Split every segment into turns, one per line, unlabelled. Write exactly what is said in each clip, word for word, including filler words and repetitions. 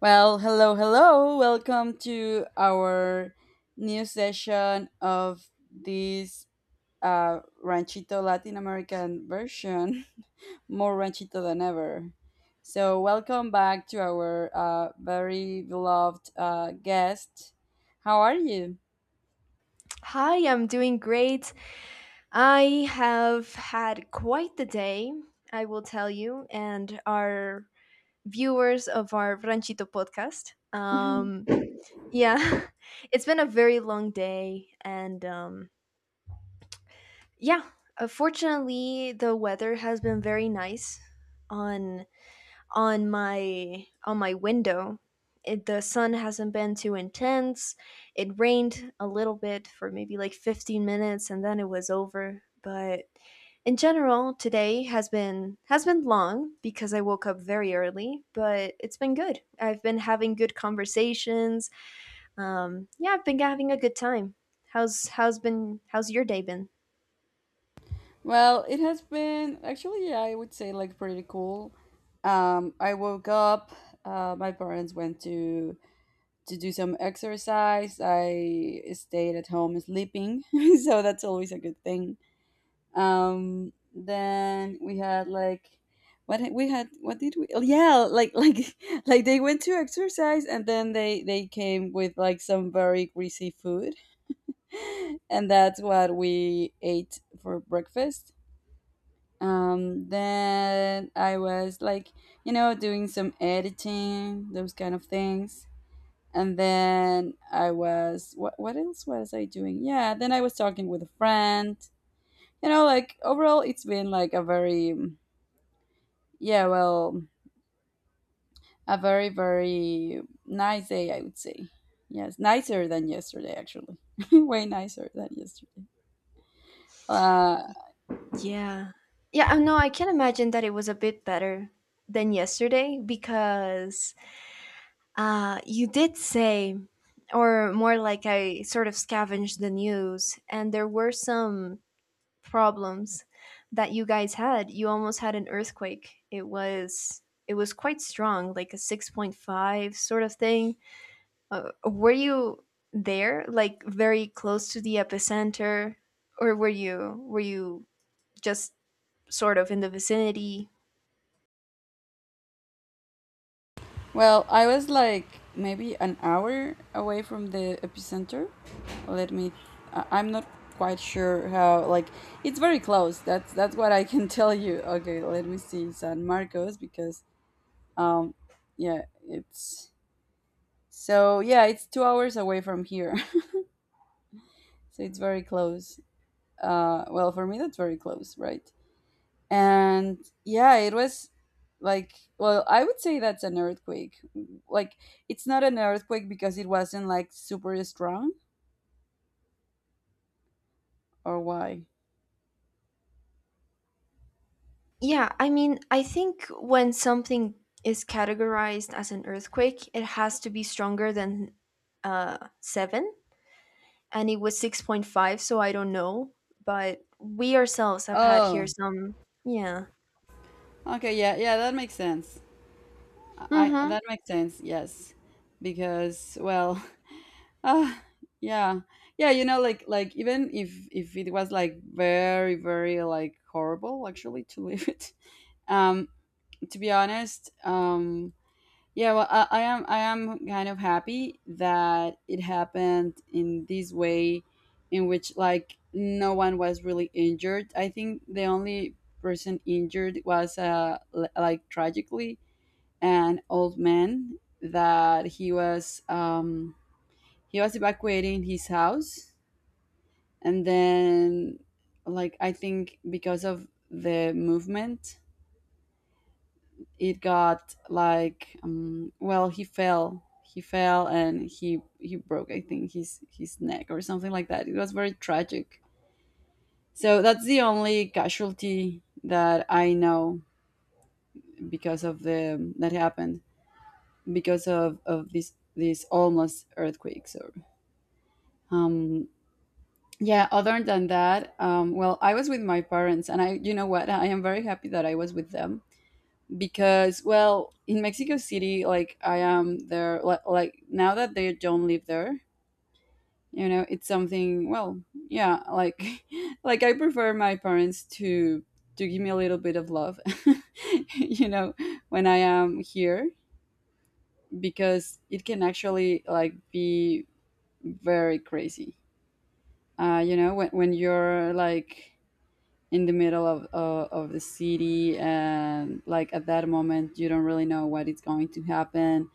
Well, hello, hello. Welcome to our new session of this uh, Ranchito Latin American version, more Ranchito than ever. So, welcome back to our uh, very beloved uh, guest. How are you?
Hi, I'm doing great. I have had quite the day, I will tell you, and our viewers of our Ranchito podcast. Um, yeah, it's been a very long day, and um, yeah, uh, fortunately, the weather has been very nice on on my on my window. It, the sun hasn't been too intense. It rained a little bit for maybe like fifteen minutes and then it was over. But in general, today has been has been long because I woke up very early, but it's been good. I've been having good conversations. Um, yeah, I've been having a good time. How's how's been how's your day been?
Well, it has been actually, I would say, like pretty cool. Um, I woke up, uh, my parents went to to do some exercise. I stayed at home sleeping, so that's always a good thing. Um, then we had like what had- we had what did we oh, yeah like like like they went to exercise and then they they came with like some very greasy food and that's what we ate for breakfast. Um then I was like, you know, doing some editing, those kind of things. And then I was, what what else was I doing? Yeah, then I was talking with a friend. You know, like overall it's been like a very mm, yeah, well, a very very nice day, I would say. Yes, nicer than yesterday actually. Way nicer than yesterday. Uh
Yeah. Yeah, I know, I can imagine that it was a bit better than yesterday because, Uh, you did say, or more like I sort of scavenged the news, and there were some problems that you guys had. You almost had an earthquake. It was it was quite strong, like a six point five sort of thing. Uh, were you there, like very close to the epicenter, or were you were you just sort of in the vicinity?
well, I was like maybe an hour away from the epicenter. Let me, I- I'm not quite sure how, like, it's very close. That's that's what I can tell you. Okay, let me see, San Marcos, because, um yeah, it's, so yeah, it's two hours away from here. So it's very close. Uh well, for me that's very close, right? And yeah, it was like, well, I would say that's an earthquake. Like, it's not an earthquake because it wasn't like super strong, or why?
Yeah, I mean, I think when something is categorized as an earthquake, it has to be stronger than uh, seven, and it was six point five, so I don't know. But we ourselves have had here
Oh,
some, yeah.
okay, yeah, yeah, that makes sense. I
Mm-hmm.
That makes sense. Yes, because, well, ah, yeah, yeah. You know, like like even if if it was like very very like horrible actually to live it. Um, to be honest, um, yeah. Well, I, I am I am kind of happy that it happened in this way, in which like no one was really injured. I think the only person injured was uh l- like tragically an old man that he was, um, he was evacuating his house, and then, like, I think because of the movement, it got like, um, well, he fell he fell and he he broke, I think, his his neck or something like that. It was very tragic. So that's the only casualty that I know because of the that happened because of of this this almost earthquake. So. Um, yeah, other than that, um, well, I was with my parents, and I, you know what, I am very happy that I was with them because, well, in Mexico City, like I am there, li- like now that they don't live there, you know, it's something. Well, yeah, like, like I prefer my parents to to give me a little bit of love, you know, when I am here because it can actually like be very crazy. Uh, you know, when when you're like in the middle of, of of the city and like at that moment you don't really know what is going to happen,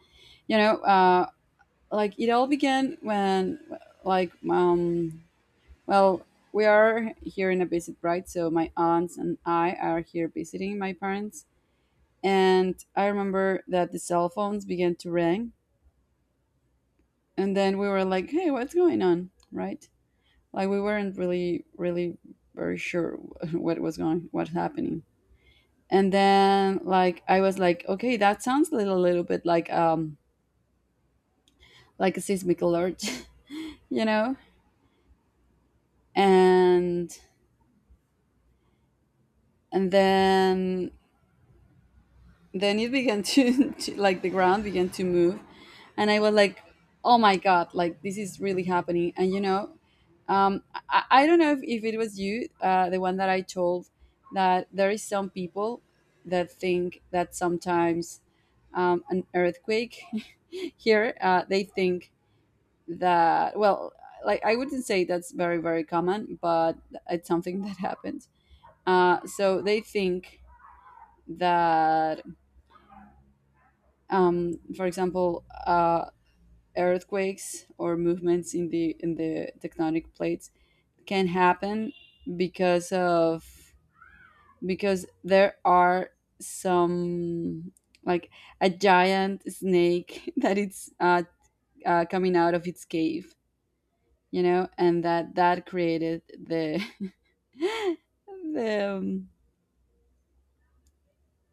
you know. Uh like it all began when, like, um well, we are here in a visit, right? So my aunts and I are here visiting my parents, and I remember that the cell phones began to ring, and then we were like, hey, what's going on, right? Like, we weren't really really very sure what was going, what's happening. And then like I was like, okay, that sounds a little, little bit like, um like a seismic alert, you know. And and then then it began to, to, like, the ground began to move. And I was like, oh my god, like, this is really happening. And you know, um i, I don't know if, if it was you, uh, the one that I told, that there is some people that think that sometimes, um, an earthquake here, uh, they think that, well, like, I wouldn't say that's very very common, but it's something that happens. Uh, so they think that, um, for example, uh, earthquakes or movements in the in the tectonic plates can happen because of, because there are some, like, a giant snake that it's, uh, uh, coming out of its cave, you know, and that that created the the, um,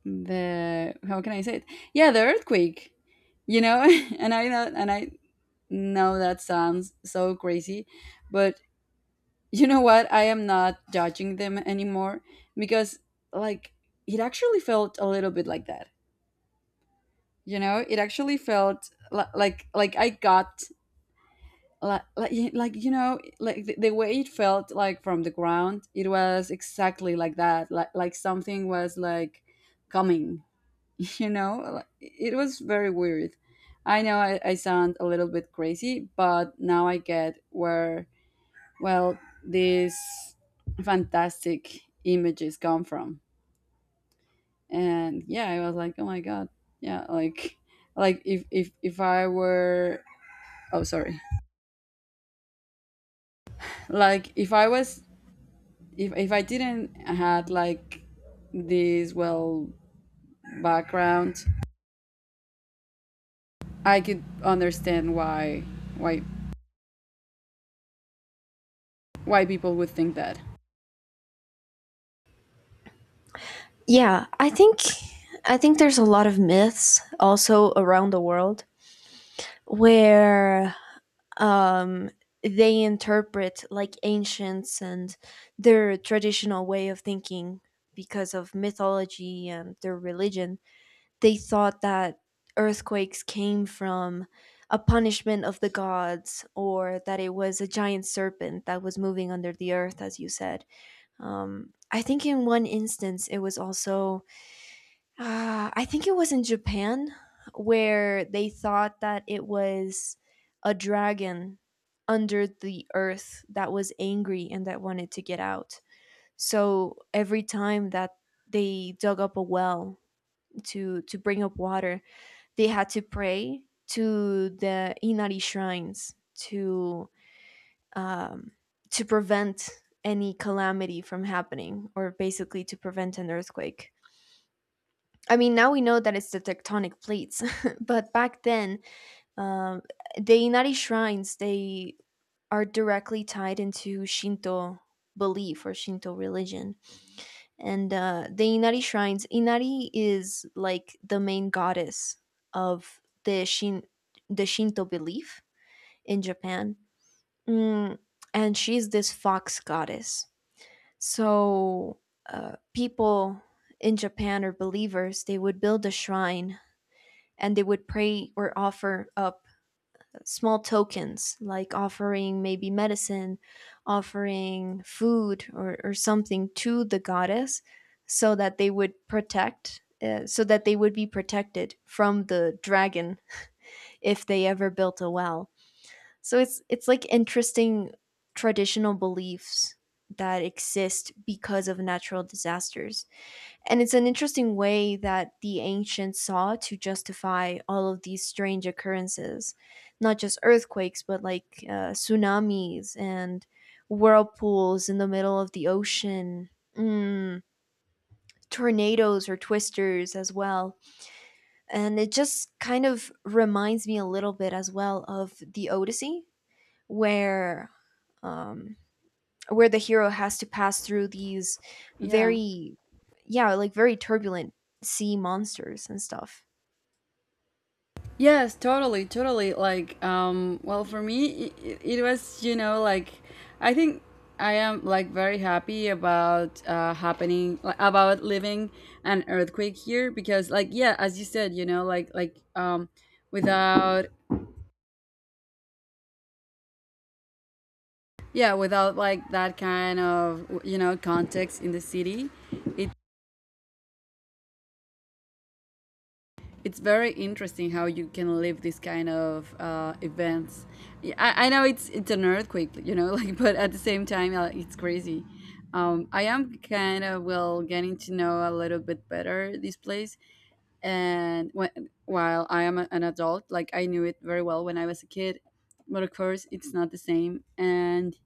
the, how can I say it? Yeah, the earthquake, you know. And I know, and I know that sounds so crazy, but, you know what? I am not judging them anymore because, like, it actually felt a little bit like that. You know, it actually felt, li- like like I got like like y- like, you know, like the, the way it felt, like, from the ground, it was exactly like that, like like something was like coming, you know. Like, it was very weird. I know, I, I sound a little bit crazy, but now I get where, well, these fantastic images come from. And yeah, I was like, oh my god. Yeah, like like if if if I were, oh sorry, like if I was, if if I didn't had like this, well, background, I could understand why why why people would think that.
Yeah, I think I think there's a lot of myths also around the world where, um, they interpret like ancients and their traditional way of thinking because of mythology and their religion. They thought that earthquakes came from a punishment of the gods, or that it was a giant serpent that was moving under the earth, as you said. Um, I think in one instance it was also, uh, I think it was in Japan, where they thought that it was a dragon under the earth that was angry and that wanted to get out. So every time that they dug up a well to to bring up water, they had to pray to the Inari shrines to um, to prevent any calamity from happening, or basically to prevent an earthquake. I mean, now we know that it's the tectonic plates, but back then, um, the Inari shrines they are directly tied into Shinto belief or Shinto religion, and uh, the Inari shrines. Inari is like the main goddess of the Shin the Shinto belief in Japan, mm, and she's this fox goddess. So uh, people in Japan are believers. They would build a shrine and they would pray or offer up small tokens, like offering maybe medicine, offering food or, or something to the goddess, so that they would protect uh, so that they would be protected from the dragon if they ever built a well. So it's it's like interesting traditional beliefs that exist because of natural disasters, and it's an interesting way that the ancients saw to justify all of these strange occurrences, not just earthquakes, but like uh, tsunamis and whirlpools in the middle of the ocean, mm, tornadoes or twisters as well. And it just kind of reminds me a little bit as well of the Odyssey, where, um, where the hero has to pass through these
Yeah.
very yeah like very turbulent sea monsters and stuff.
Yes, totally, totally. Like, um, well, for me, it, it was, you know, like, I think I am like very happy about, uh, happening, like, about living an earthquake here because, like, yeah, as you said, you know, like, like, um, without, yeah, without like that kind of, you know, context in the city, it, it's very interesting how you can live this kind of uh, events. Yeah, I, I know, it's it's an earthquake, you know, like, but at the same time, uh, it's crazy. um, I am kind of, well, getting to know a little bit better this place. And when, while I am a- an adult, like, I knew it very well when I was a kid, but of course it's not the same. And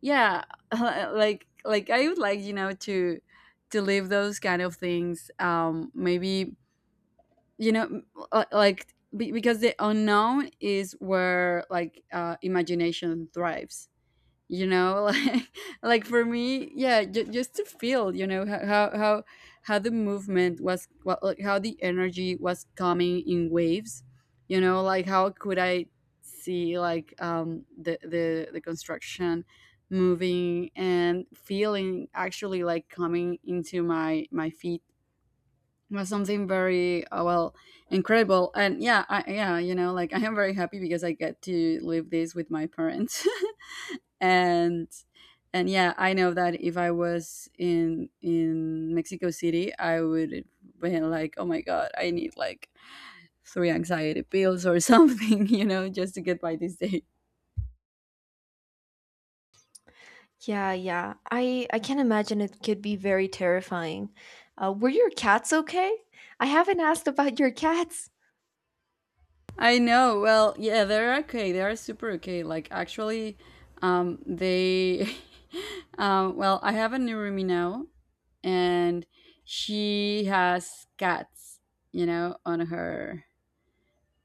yeah, like like I would like, you know, to to leave those kind of things, um maybe, you know, m- uh, like, be- because the unknown is where, like, uh imagination thrives, you know. like like for me, yeah, j- just to feel, you know, ho- how how how the movement was, well, like how the energy was coming in waves, you know, like, how could I see, like, um the the, the construction moving and feeling actually, like, coming into my my feet, was something very, uh, well, incredible. And yeah, I, yeah, you know, like I am very happy because I get to live this with my parents. and and yeah, I know that if I was in in Mexico City, I would be like, oh my god, I need like three anxiety pills or something, you know, just to get by this day.
Yeah, yeah, i i can imagine it could be very terrifying. Uh, were your cats okay? I haven't asked about your cats.
I know, well, yeah, they're okay, they are super okay, like, actually, um they, um well, I have a new roomie now, and she has cats, you know, on her,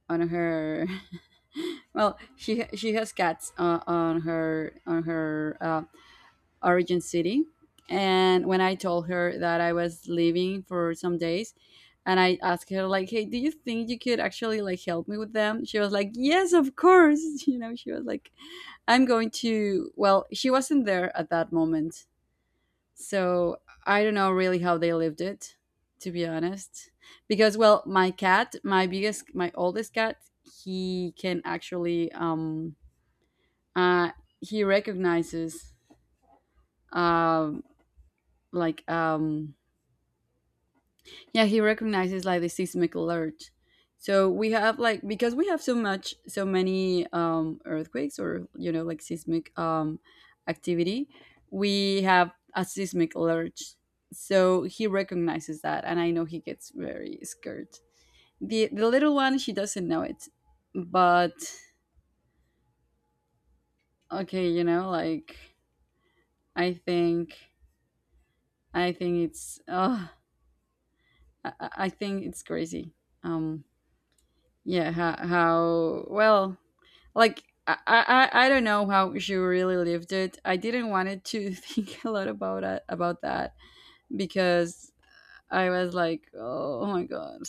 on her well, she ha- she has cats, uh, on her on her uh, origin city. And when I told her that I was leaving for some days, and I asked her like, "Hey, do you think you could actually like help me with them?" She was like, "Yes, of course." You know, she was like, "I'm going to." Well, she wasn't there at that moment, so I don't know really how they lived it, to be honest. Because, well, my cat, my biggest, my oldest cat, he can actually um uh he recognizes, um like, um yeah, he recognizes like the seismic alert. So we have, like, because we have so much, so many, um earthquakes, or you know, like seismic, um activity, we have a seismic alert, so he recognizes that, and I know he gets very scared. The the little one, she doesn't know it. But, okay, you know, like, I think, I think it's, uh i, I I think it's crazy. um yeah, how, how well, like, I, I I don't know how she really lived it. I didn't wanted to think a lot about it, about that, because I was like, oh my god.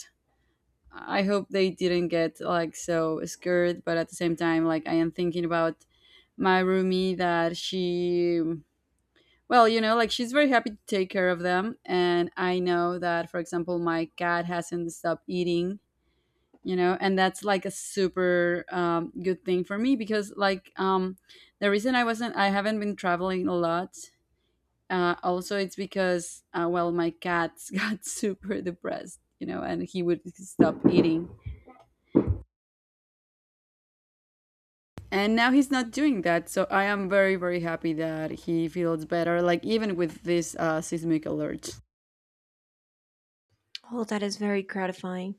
I hope they didn't get like so scared, but at the same time, like I am thinking about my roomie that she, well, you know, like she's very happy to take care of them. And I know that, for example, my cat hasn't stopped eating, you know and that's like a super um, good thing for me because like um, the reason i wasn't i haven't been traveling a lot. Uh, also it's because uh, well, my cat got super depressed, you know and he would stop eating. And now he's not doing that, so I am very very happy that he feels better, like even with this uh, seismic alert.
Oh, that is very gratifying.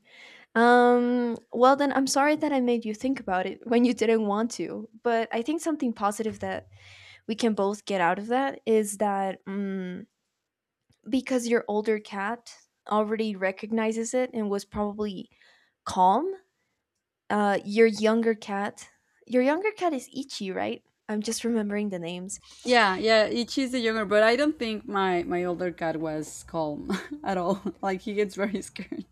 um Well, then I'm sorry that I made you think about it when you didn't want to, but I think something positive that we can both get out of that is that, mm because your older cat already recognizes it and was probably calm. uh your younger cat your younger cat is Ichi, right? I'm just remembering the names.
Yeah, yeah, it- she's the younger, but I don't think my my older cat was calm at all. Like, he gets very scared.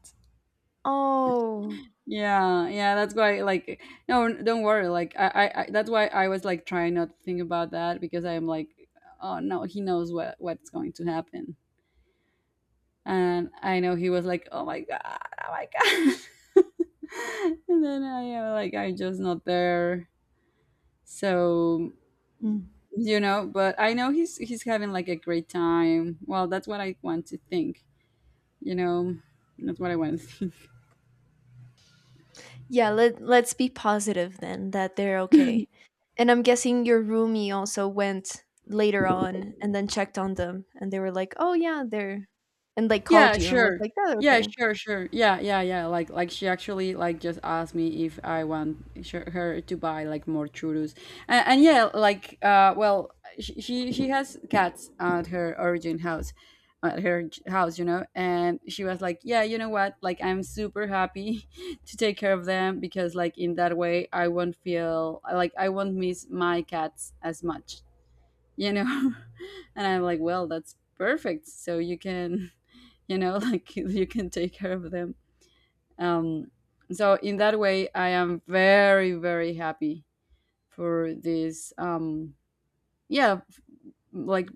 Oh.
Yeah, yeah, that's why, like, no, n- don't worry. Like, I, I, I that's why I was like trying not to think about that because I'm like, oh no, he knows what what's going to happen. And I know he was like, oh my god, oh my god, and then I am like, I'm just not there, so
Hmm.
you know. But I know he's he's having like a great time. Well, that's what I want to think. You know, that's what I want to think.
Yeah, let, let's be positive then that they're okay. And I'm guessing your roomie also went later on and then checked on them, and they were like, oh yeah, they're, and like called
Yeah,
you and was
sure.
like, "Oh,
Yeah,
okay."
sure, sure. Yeah, yeah, yeah. Like, like, she actually like just asked me if I want sh- her to buy like more churros, and, and yeah, like, uh, well, she she, she has cats at her origin house, at her j- house, you know, and she was like, yeah, you know what? Like, I'm super happy to take care of them because like in that way I won't feel like I won't miss my cats as much, you know, and I'm like, well, that's perfect. So you can you know like you can take care of them. um, so in that way I am very very happy for this um, yeah, like,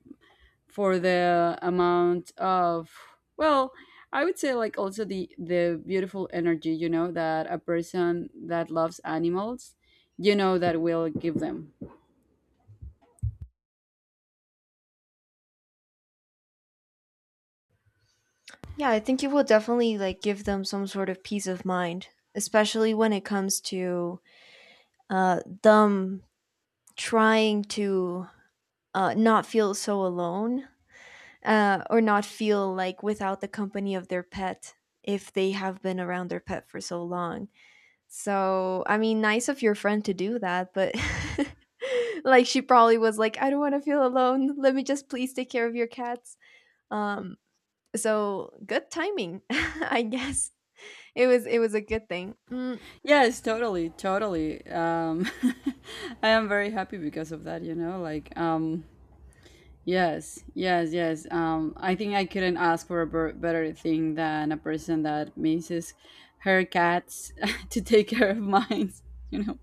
for the amount of, well, I would say like also the the beautiful energy, you know, that a person that loves animals, you know, that will give them.
Yeah, I think it will definitely like give them some sort of peace of mind, especially when it comes to uh, them trying to uh, not feel so alone, uh, or not feel like without the company of their pet, if they have been around their pet for so long. So, I mean, nice of your friend to do that, but like she probably was like, I don't want to feel alone. Let me just please take care of your cats. Um, so, good timing, I guess. it was it was a good thing. Mm,
Yes, totally, totally, um I am very happy because of that, you know, like, um yes, yes, yes. Um, I think I couldn't ask for a ber- better thing than a person that misses her cats to take care of mine. You know.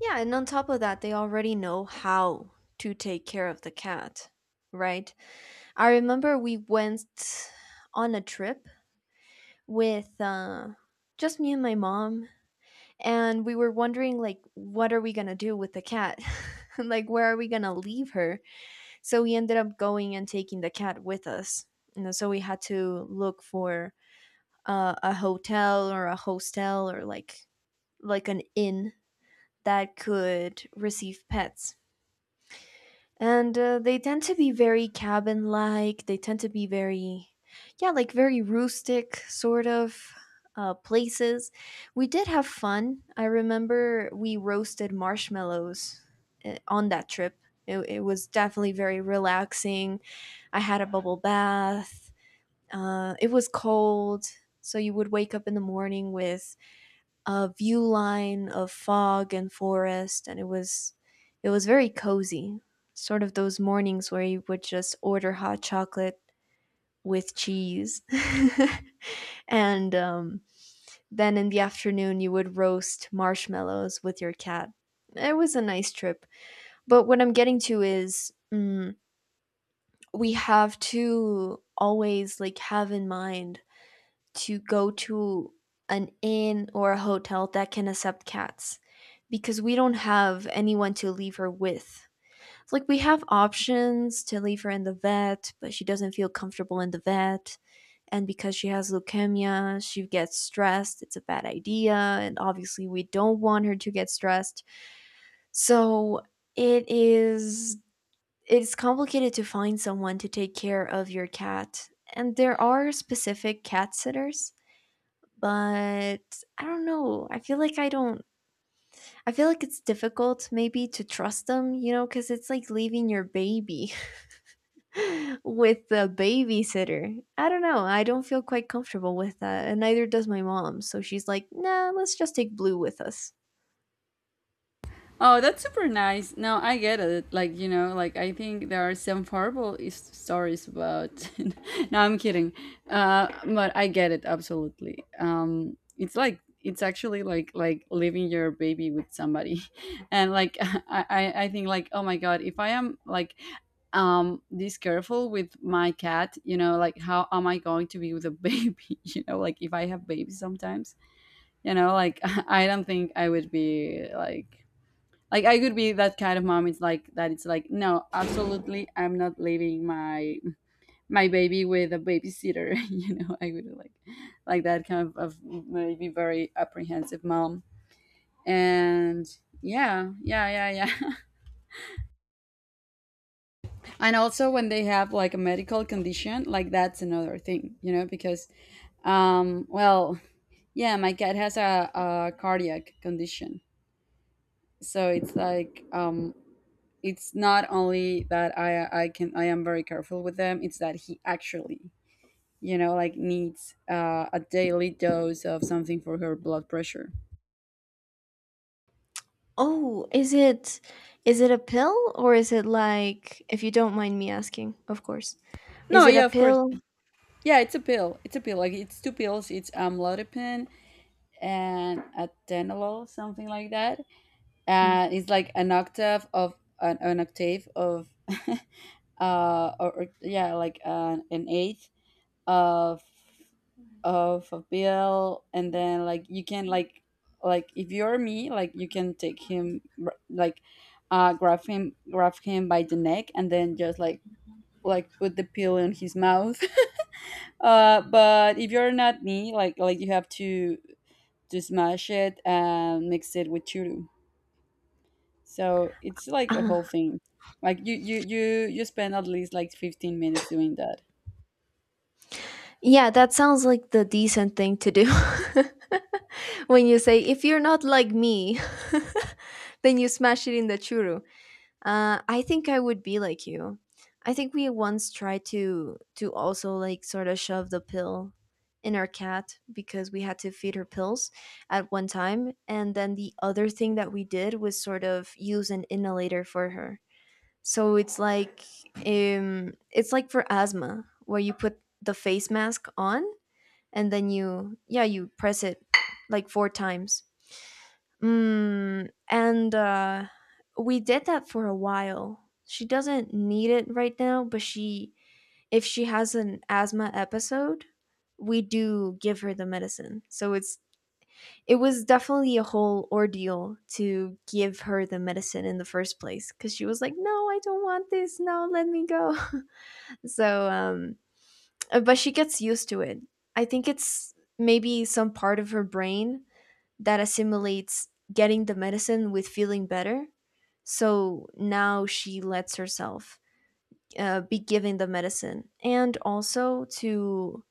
Yeah, and on top of that, they already know how to take care of the cat, right? I remember we went on a trip with, uh, just me and my mom, and we were wondering like, what are we gonna do with the cat? Like, where are we gonna leave her? So we ended up going and taking the cat with us. You know, so we had to look for uh, a hotel or a hostel, or like like an inn that could receive pets. And uh, they tend to be very cabin like, they tend to be very, yeah, like very rustic sort of uh, places. We did have fun. I remember we roasted marshmallows, uh, on that trip. It, it was definitely very relaxing. I had a bubble bath. Uh, it was cold, so you would wake up in the morning with a view line of fog and forest, and it was it was very cozy, sort of those mornings where you would just order hot chocolate with cheese, and um, then in the afternoon you would roast marshmallows with your cat. It was a nice trip. But what I'm getting to is, mm, we have to always like have in mind to go to an inn or a hotel that can accept cats, because we don't have anyone to leave her with. Like, we have options to leave her in the vet, but she doesn't feel comfortable in the vet. And because she has leukemia, she gets stressed. It's a bad idea. And obviously, we don't want her to get stressed. So, it is. It's complicated to find someone to take care of your cat. And there are specific cat sitters, but I don't know. I feel like I don't, I feel like it's difficult maybe to trust them, you know, cuz it's like leaving your baby with a babysitter. I don't know. I don't feel quite comfortable with that, and neither does my mom. So she's like, "Nah, let's just take Blue with us."
Oh, that's super nice. No, I get it. Like, you know, like, I think there are some horrible is- stories about. No, I'm kidding. Uh, but I get it absolutely. Um, it's like it's actually like like leaving your baby with somebody, and like, I I I think like, oh my god, if I am like um this careful with my cat, you know, like how am I going to be with a baby? You know, like, if I have babies sometimes, you know, like, I don't think I would be like like I could be that kind of mom. It's like that. It's like, no, absolutely, I'm not leaving my my baby with a babysitter. You know, I would like like that kind of, of maybe very apprehensive mom. And yeah, yeah, yeah, yeah. And also when they have like a medical condition, like that's another thing. You know, because um, well, yeah, my cat has a, a cardiac condition. So it's like um, it's not only that I I can I am very careful with them. It's that he actually, you know, like, needs uh, a daily dose of something for her blood pressure.
Oh, is it is it a pill, or is it like, if you don't mind me asking, of course. Is
No,
it a
yeah, of course.
pill?
Yeah, it's a pill. It's a pill. Like, it's two pills. It's amlodipine and atenolol, something like that. And it's like an octave of an, an octave of uh or, or yeah, like, an, an eighth of of a bill. And then like you can like like if you're me, like you can take him, r- like, uh grab him grab him by the neck, and then just like like put the pill in his mouth. Uh but if you're not me, like like you have to to smash it and mix it with churu. So it's like a whole
Mm.
thing. Like, you you you you spend at least like 15 minutes doing that.
Yeah, that sounds like the decent thing to do. When you say, if you're not like me, then you smash it in the churu. Uh, I think I would be like you. I think we once tried to to also like sort of shove the pill in our cat, because we had to feed her pills at one time. And then the other thing that we did was sort of use an inhalator for her. So it's like um, it's like for asthma, where you put the face mask on, and then you, yeah, you press it like four times, mm, and uh, we did that for a while. She doesn't need it right now, but she if she has an asthma episode, we do give her the medicine. So it's it was definitely a whole ordeal to give her the medicine in the first place, because she was like, no, I don't want this, no, let me go, so, um uh, but she gets used to it. I think it's maybe some part of her brain that assimilates getting the medicine with feeling better. So now she lets herself uh, be given the medicine, and also to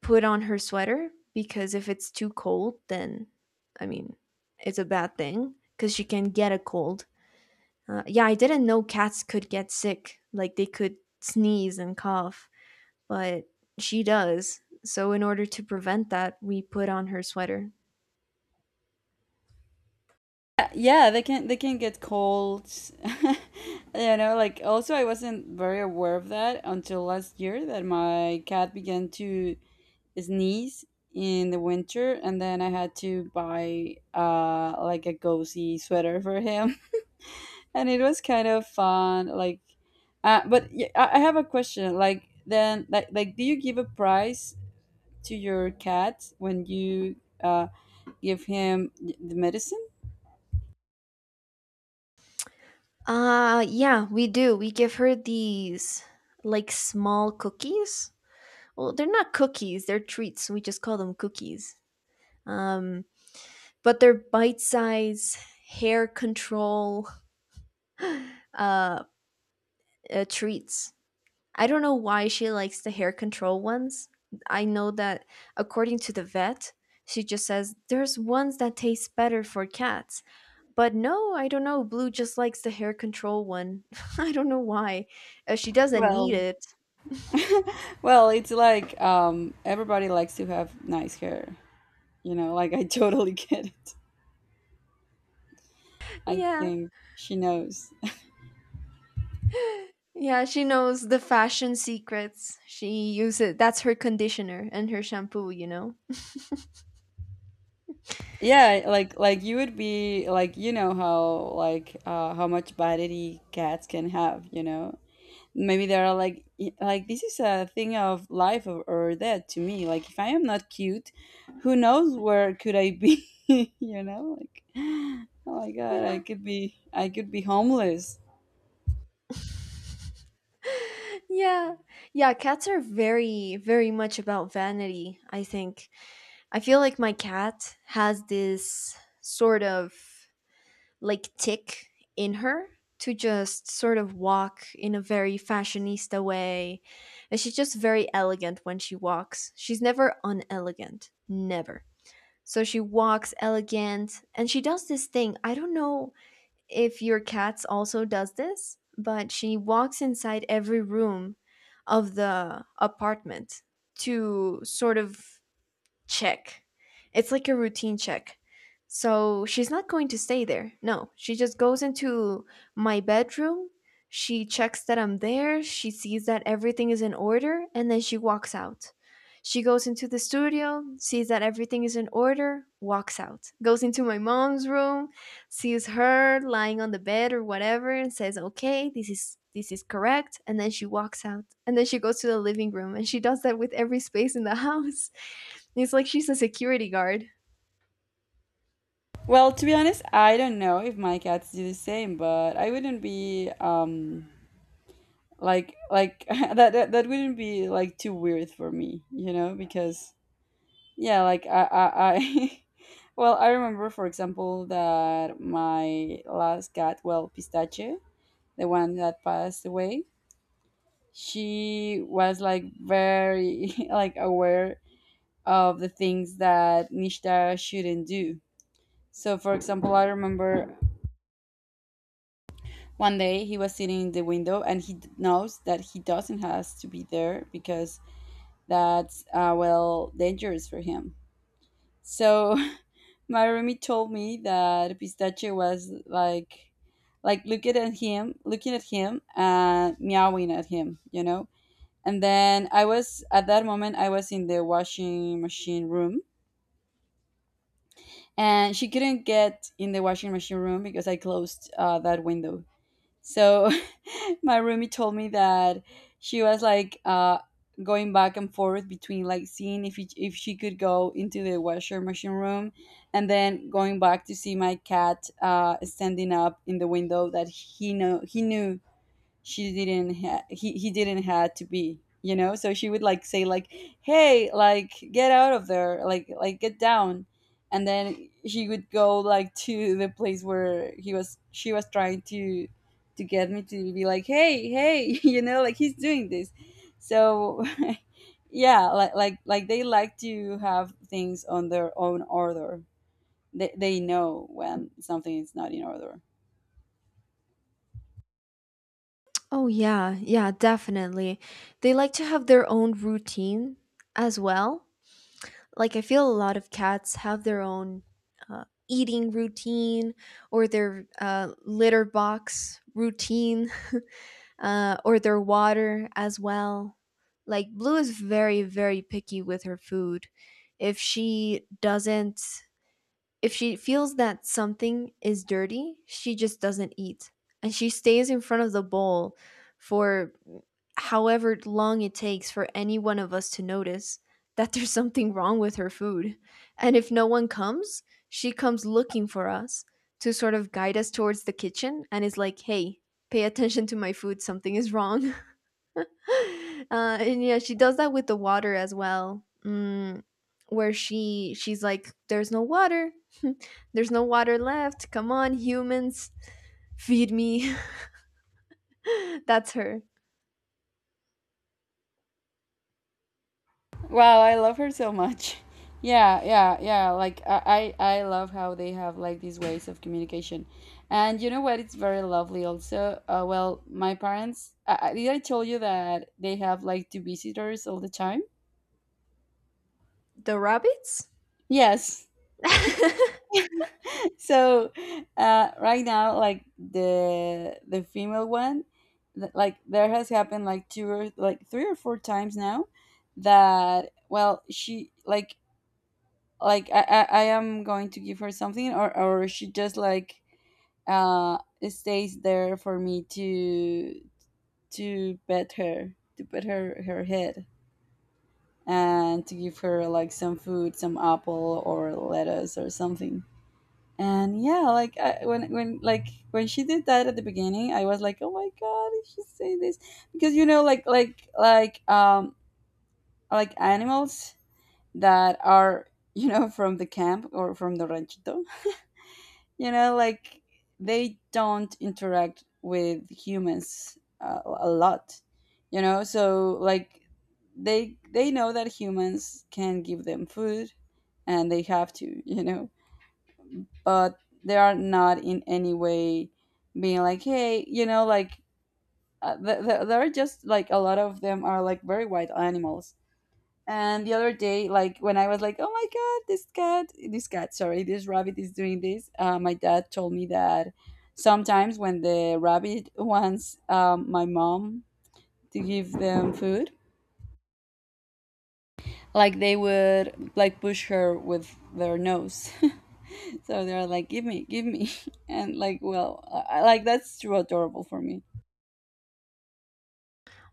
put on her sweater, because if it's too cold, then, I mean, it's a bad thing because she can get a cold. Uh, yeah, I didn't know cats could get sick, like they could sneeze and cough, but she does. So, in order to prevent that, we put on her sweater.
Yeah, they can they can get cold. You know, like, also I wasn't very aware of that until last year, that my cat began to sneeze in the winter, and then I had to buy uh like a cozy sweater for him. And it was kind of fun, like, uh but yeah, i I have a question, like, then like like do you give a price to your cat when you uh give him the medicine?
Uh, yeah, we do. We give her these like small cookies. Well, they're not cookies, they're treats. We just call them cookies. Um, but they're bite sized hair control uh, uh, treats. I don't know why she likes the hair control ones. I know that according to the vet, she just says there's ones that taste better for cats. But no, I don't know. Blue just likes the hair control one. I don't know why. Uh, she doesn't need
well
it.
Well, it's like, um, everybody likes to have nice hair. You know, like, I totally get it. I
Yeah.
think she knows.
Yeah, she knows the fashion secrets. She uses, that's her conditioner and her shampoo, you know.
Yeah, like like you would be like, you know how like, uh, how much vanity cats can have. You know, maybe they are like, y- like, this is a thing of life or, or death to me. Like, if I am not cute, who knows where could I be? You know, like, oh my god, I
Yeah.
could be I could be homeless.
Yeah. Yeah, cats are very, very much about vanity, I think. I feel like my cat has this sort of like tick in her to just sort of walk in a very fashionista way. And she's just very elegant when she walks. She's never unelegant. Never. So she walks elegant and she does this thing. I don't know if your cats also does this, but she walks inside every room of the apartment to sort of check. It's like a routine check. So she's not going to stay there. No, she just goes into my bedroom. She checks that I'm there. She sees that everything is in order and then she walks out. She goes into the studio, sees that everything is in order, walks out. Goes into my mom's room, sees her lying on the bed or whatever and says, "Okay, this is this is correct." And then she walks out. And then she goes to the living room and she does that with every space in the house. It's like she's a security guard.
Well, to be honest, I don't know if my cats do the same, but I wouldn't be um like like that, that that wouldn't be like too weird for me, you know, because yeah, like I I, I well, I remember for example that my last cat, well, Pistache, the one that passed away, she was like very like aware of the things that Nishta shouldn't do. So, for example, I remember one day he was sitting in the window and he d- knows that he doesn't has to be there because that's uh, well, dangerous for him. So my roomie told me that Pistache was like like looking at him, looking at him, and meowing at him, you know. And then I was, at that moment I was in the washing machine room, and she couldn't get in the washing machine room because I closed uh, that window. So my roomie told me that she was like, uh, going back and forth between, like, seeing if he, if she could go into the washer machine room, and then going back to see my cat uh, standing up in the window that he know he knew she didn't ha- he, he didn't had to be. You know, so she would like say like, hey, like get out of there, like like get down. And then she would go like to the place where he was. She was trying to to get me to be like, hey, hey, you know, like, he's doing this. So yeah, like like like they like to have things on their own order. They, they know when something is not in order.
Oh, yeah, yeah, definitely. They like to have their own routine as well. Like, I feel a lot of cats have their own uh, eating routine or their uh, litter box routine uh, or their water as well. Like, Blue is very, very picky with her food. If she doesn't If she feels that something is dirty, she just doesn't eat. And she stays in front of the bowl for however long it takes for any one of us to notice that there's something wrong with her food. And if no one comes, she comes looking for us to sort of guide us towards the kitchen and is like, hey, pay attention to my food, something is wrong. uh, and yeah, she does that with the water as well. Mm, where she she's like, "There's no water. There's no water left. Come on, humans, feed me." That's her.
Wow, I love her so much. Yeah, yeah, yeah. Like, I, I I love how they have like these ways of communication, and you know what? It's very lovely. Also, uh, well, my parents. Uh, uh, did I tell you that they have like two visitors all the time?
The rabbits.
Yes. So uh, right now, like, the the female one, th- like, there has happened like two or like three or four times now that, well, she like like I, I, I am going to give her something, or, or she just like uh stays there for me to to pet her, to pet her her head, and to give her like some food, some apple or lettuce or something. And yeah, like, I, when when like when she did that at the beginning, I was like, oh my god, did she say this? Because you know, like like like um like animals that are, you know, from the camp or from the ranchito, you know, like, they don't interact with humans uh, a lot, you know, so like, they they know that humans can give them food, and they have to you know. But they are not in any way being like, hey, you know, like, uh, th- th- they're just like a lot of them are like very wild animals. And the other day, like, when I was like, "Oh my god, this cat, this cat, sorry, this rabbit is doing this," uh, my dad told me that sometimes when the rabbit wants um, my mom to give them food, like they would like push her with their nose. So they're like, "Give me, give me," and like, well, I, I- like, that's too adorable for me.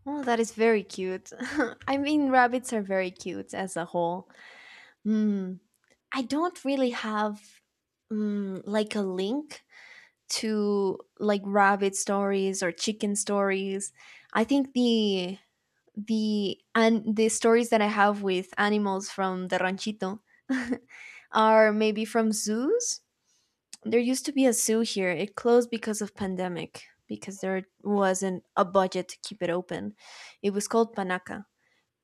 Oh, that is very cute. I mean, rabbits are very cute as a whole. Mm, I don't really have mm, like a link to like rabbit stories or chicken stories. I think the the and the stories that I have with animals from the ranchito are maybe from zoos. There used to be a zoo here. It closed because of pandemic because there wasn't a budget to keep it open. It was called Panaca.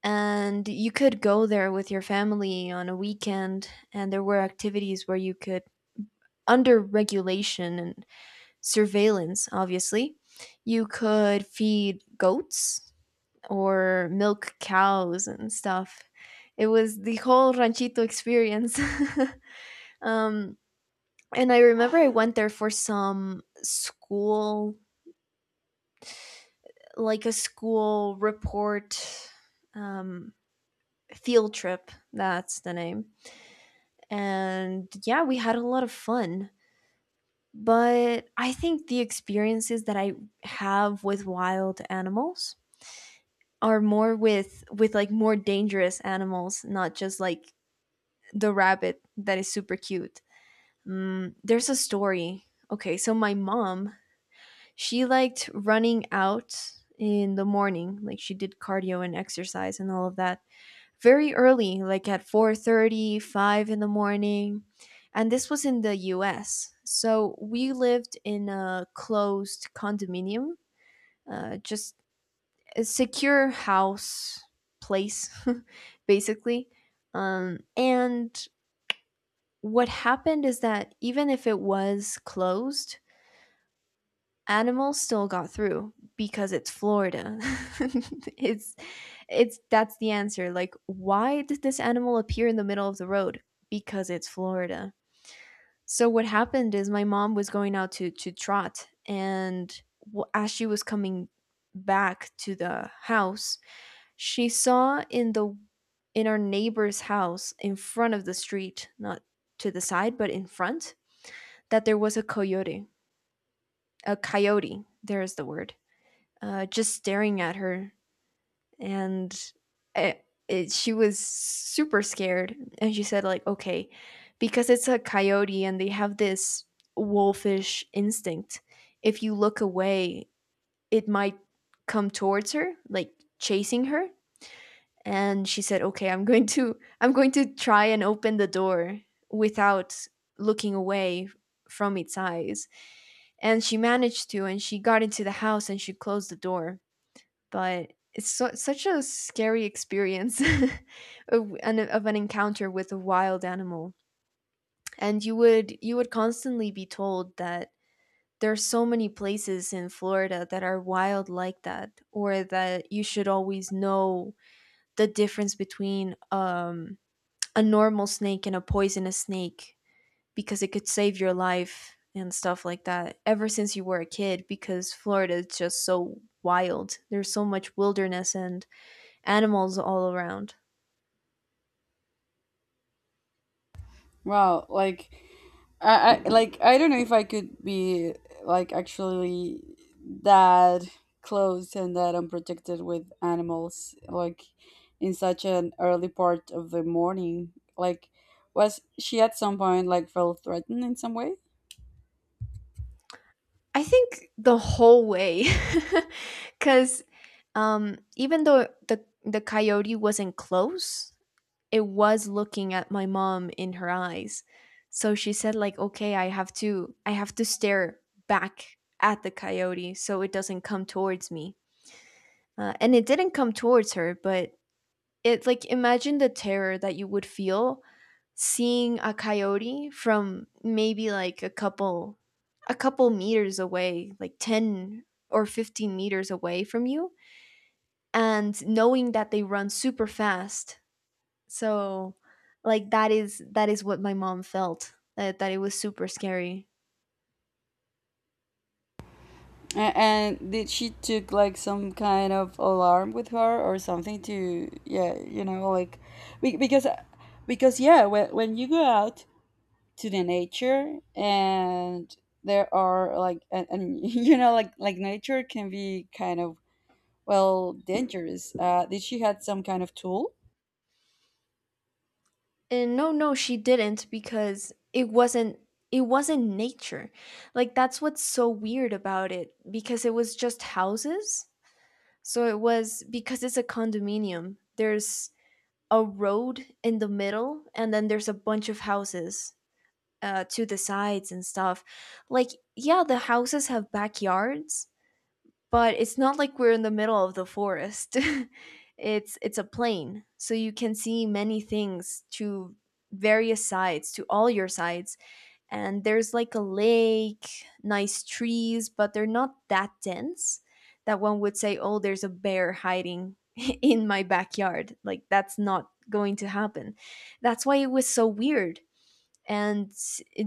And you could go there with your family on a weekend and there were activities where you could under regulation and surveillance obviously, you could feed goats or milk cows and stuff. It was the whole ranchito experience. um, and I remember I went there for some school, like a school report, um, field trip. That's the name. And yeah, we had a lot of fun. But I think the experiences that I have with wild animals are more with with like more dangerous animals, not just like the rabbit that is super cute. Mm, there's a story. Okay, so my mom, she liked running out in the morning, like she did cardio and exercise and all of that very early, like at four thirty, five in the morning. And this was in the U S. So we lived in a closed condominium, uh, just a secure house place, basically. Um, and what happened is that even if it was closed, animals still got through because it's Florida. it's it's That's the answer. Like, why did this animal appear in the middle of the road? Because it's Florida. So what happened is my mom was going out to to trot, and as she was coming back to the house, she saw in the in our neighbor's house in front of the street, not to the side but in front, that there was a coyote, a coyote, there is the word, uh, just staring at her. And it, it, she was super scared. And she said, like, okay, because it's a coyote and they have this wolfish instinct, if you look away, it might come towards her, like chasing her. And she said, okay, i'm going to i'm going to try and open the door without looking away from its eyes. And she managed to, and she got into the house and she closed the door. But it's so, such a scary experience, of, an, of an encounter with a wild animal. And you would you would constantly be told that there's so many places in Florida that are wild like that, or that you should always know the difference between um, a normal snake and a poisonous snake, because it could save your life and stuff like that, ever since you were a kid, because Florida is just so wild. There's so much wilderness and animals all around.
Wow, like, I, I like, I don't know if I could be like actually that close and that unprotected with animals, like, in such an early part of the morning. Like, was she at some point like felt threatened in some way?
I think the whole way, cuz um even though the the coyote wasn't close, it was looking at my mom in her eyes. So she said like, "Okay, I have to I have to stare back at the coyote so it doesn't come towards me." Uh, and it didn't come towards her, but it, like, imagine the terror that you would feel seeing a coyote from maybe like a couple a couple meters away, like ten or fifteen meters away from you, and knowing that they run super fast. So like that is that is what my mom felt, that that it was super scary.
A- And did she took like some kind of alarm with her or something to, yeah, you know, like, be- because because yeah, when when you go out to the nature, and there are like, and, and you know, like like nature can be kind of, well, dangerous. Uh did she had some kind of tool?
And no, no, she didn't, because it wasn't it wasn't nature. Like, that's what's so weird about it, because it was just houses. So it was, because it's a condominium. There's a road in the middle and then there's a bunch of houses uh to the sides and stuff. Like, yeah, the houses have backyards, but it's not like we're in the middle of the forest. it's it's a plain, so you can see many things to various sides, to all your sides. And there's like a lake, nice trees, but they're not that dense that one would say, "Oh, there's a bear hiding in my backyard." Like, that's not going to happen. That's why it was so weird. And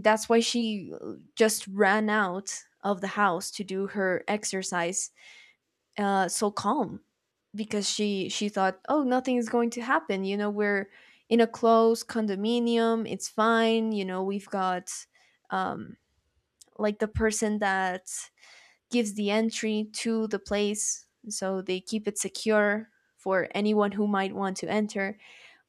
that's why she just ran out of the house to do her exercise uh, so calm, because she she thought, oh, nothing is going to happen. You know, we're in a closed condominium. It's fine. You know, we've got um, like, the person that gives the entry to the place, so they keep it secure for anyone who might want to enter.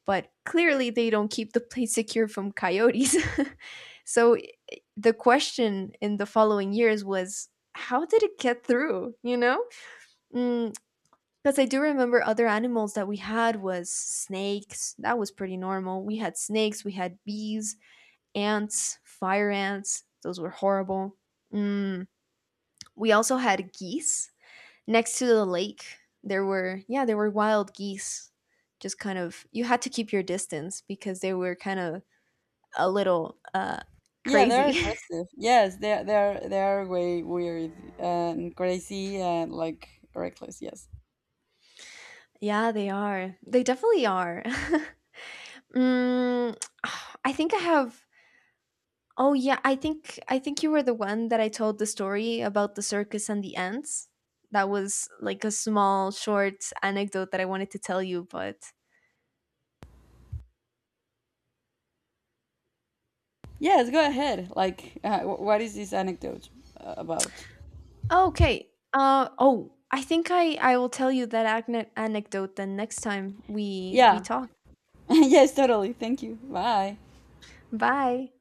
But clearly, they don't keep the place secure from coyotes. so i- the question in the following years was, how did it get through? You know. Mm, because I do remember other animals that we had was snakes. That was pretty normal. We had snakes, we had bees, ants, fire ants. Those were horrible. Mm, we also had geese next to the lake. There were, yeah, there were wild geese. Just kind of, you had to keep your distance because they were kind of a little uh,
Yeah, they're
crazy.
aggressive, yes, they're, they're they're way weird and crazy, and like, reckless, yes.
Yeah, they are. They definitely are. mm, I think I have Oh yeah, I think I think you were the one that I told the story about the circus and the ants. That was like a small, short anecdote that I wanted to tell you, but
Yes, go ahead, like, uh, wh- what is this anecdote uh, about?
oh, okay. Uh oh, I think I I will tell you that acne- anecdote then next time we we
Yeah,
talk.
yes, totally, thank you, bye.
Bye.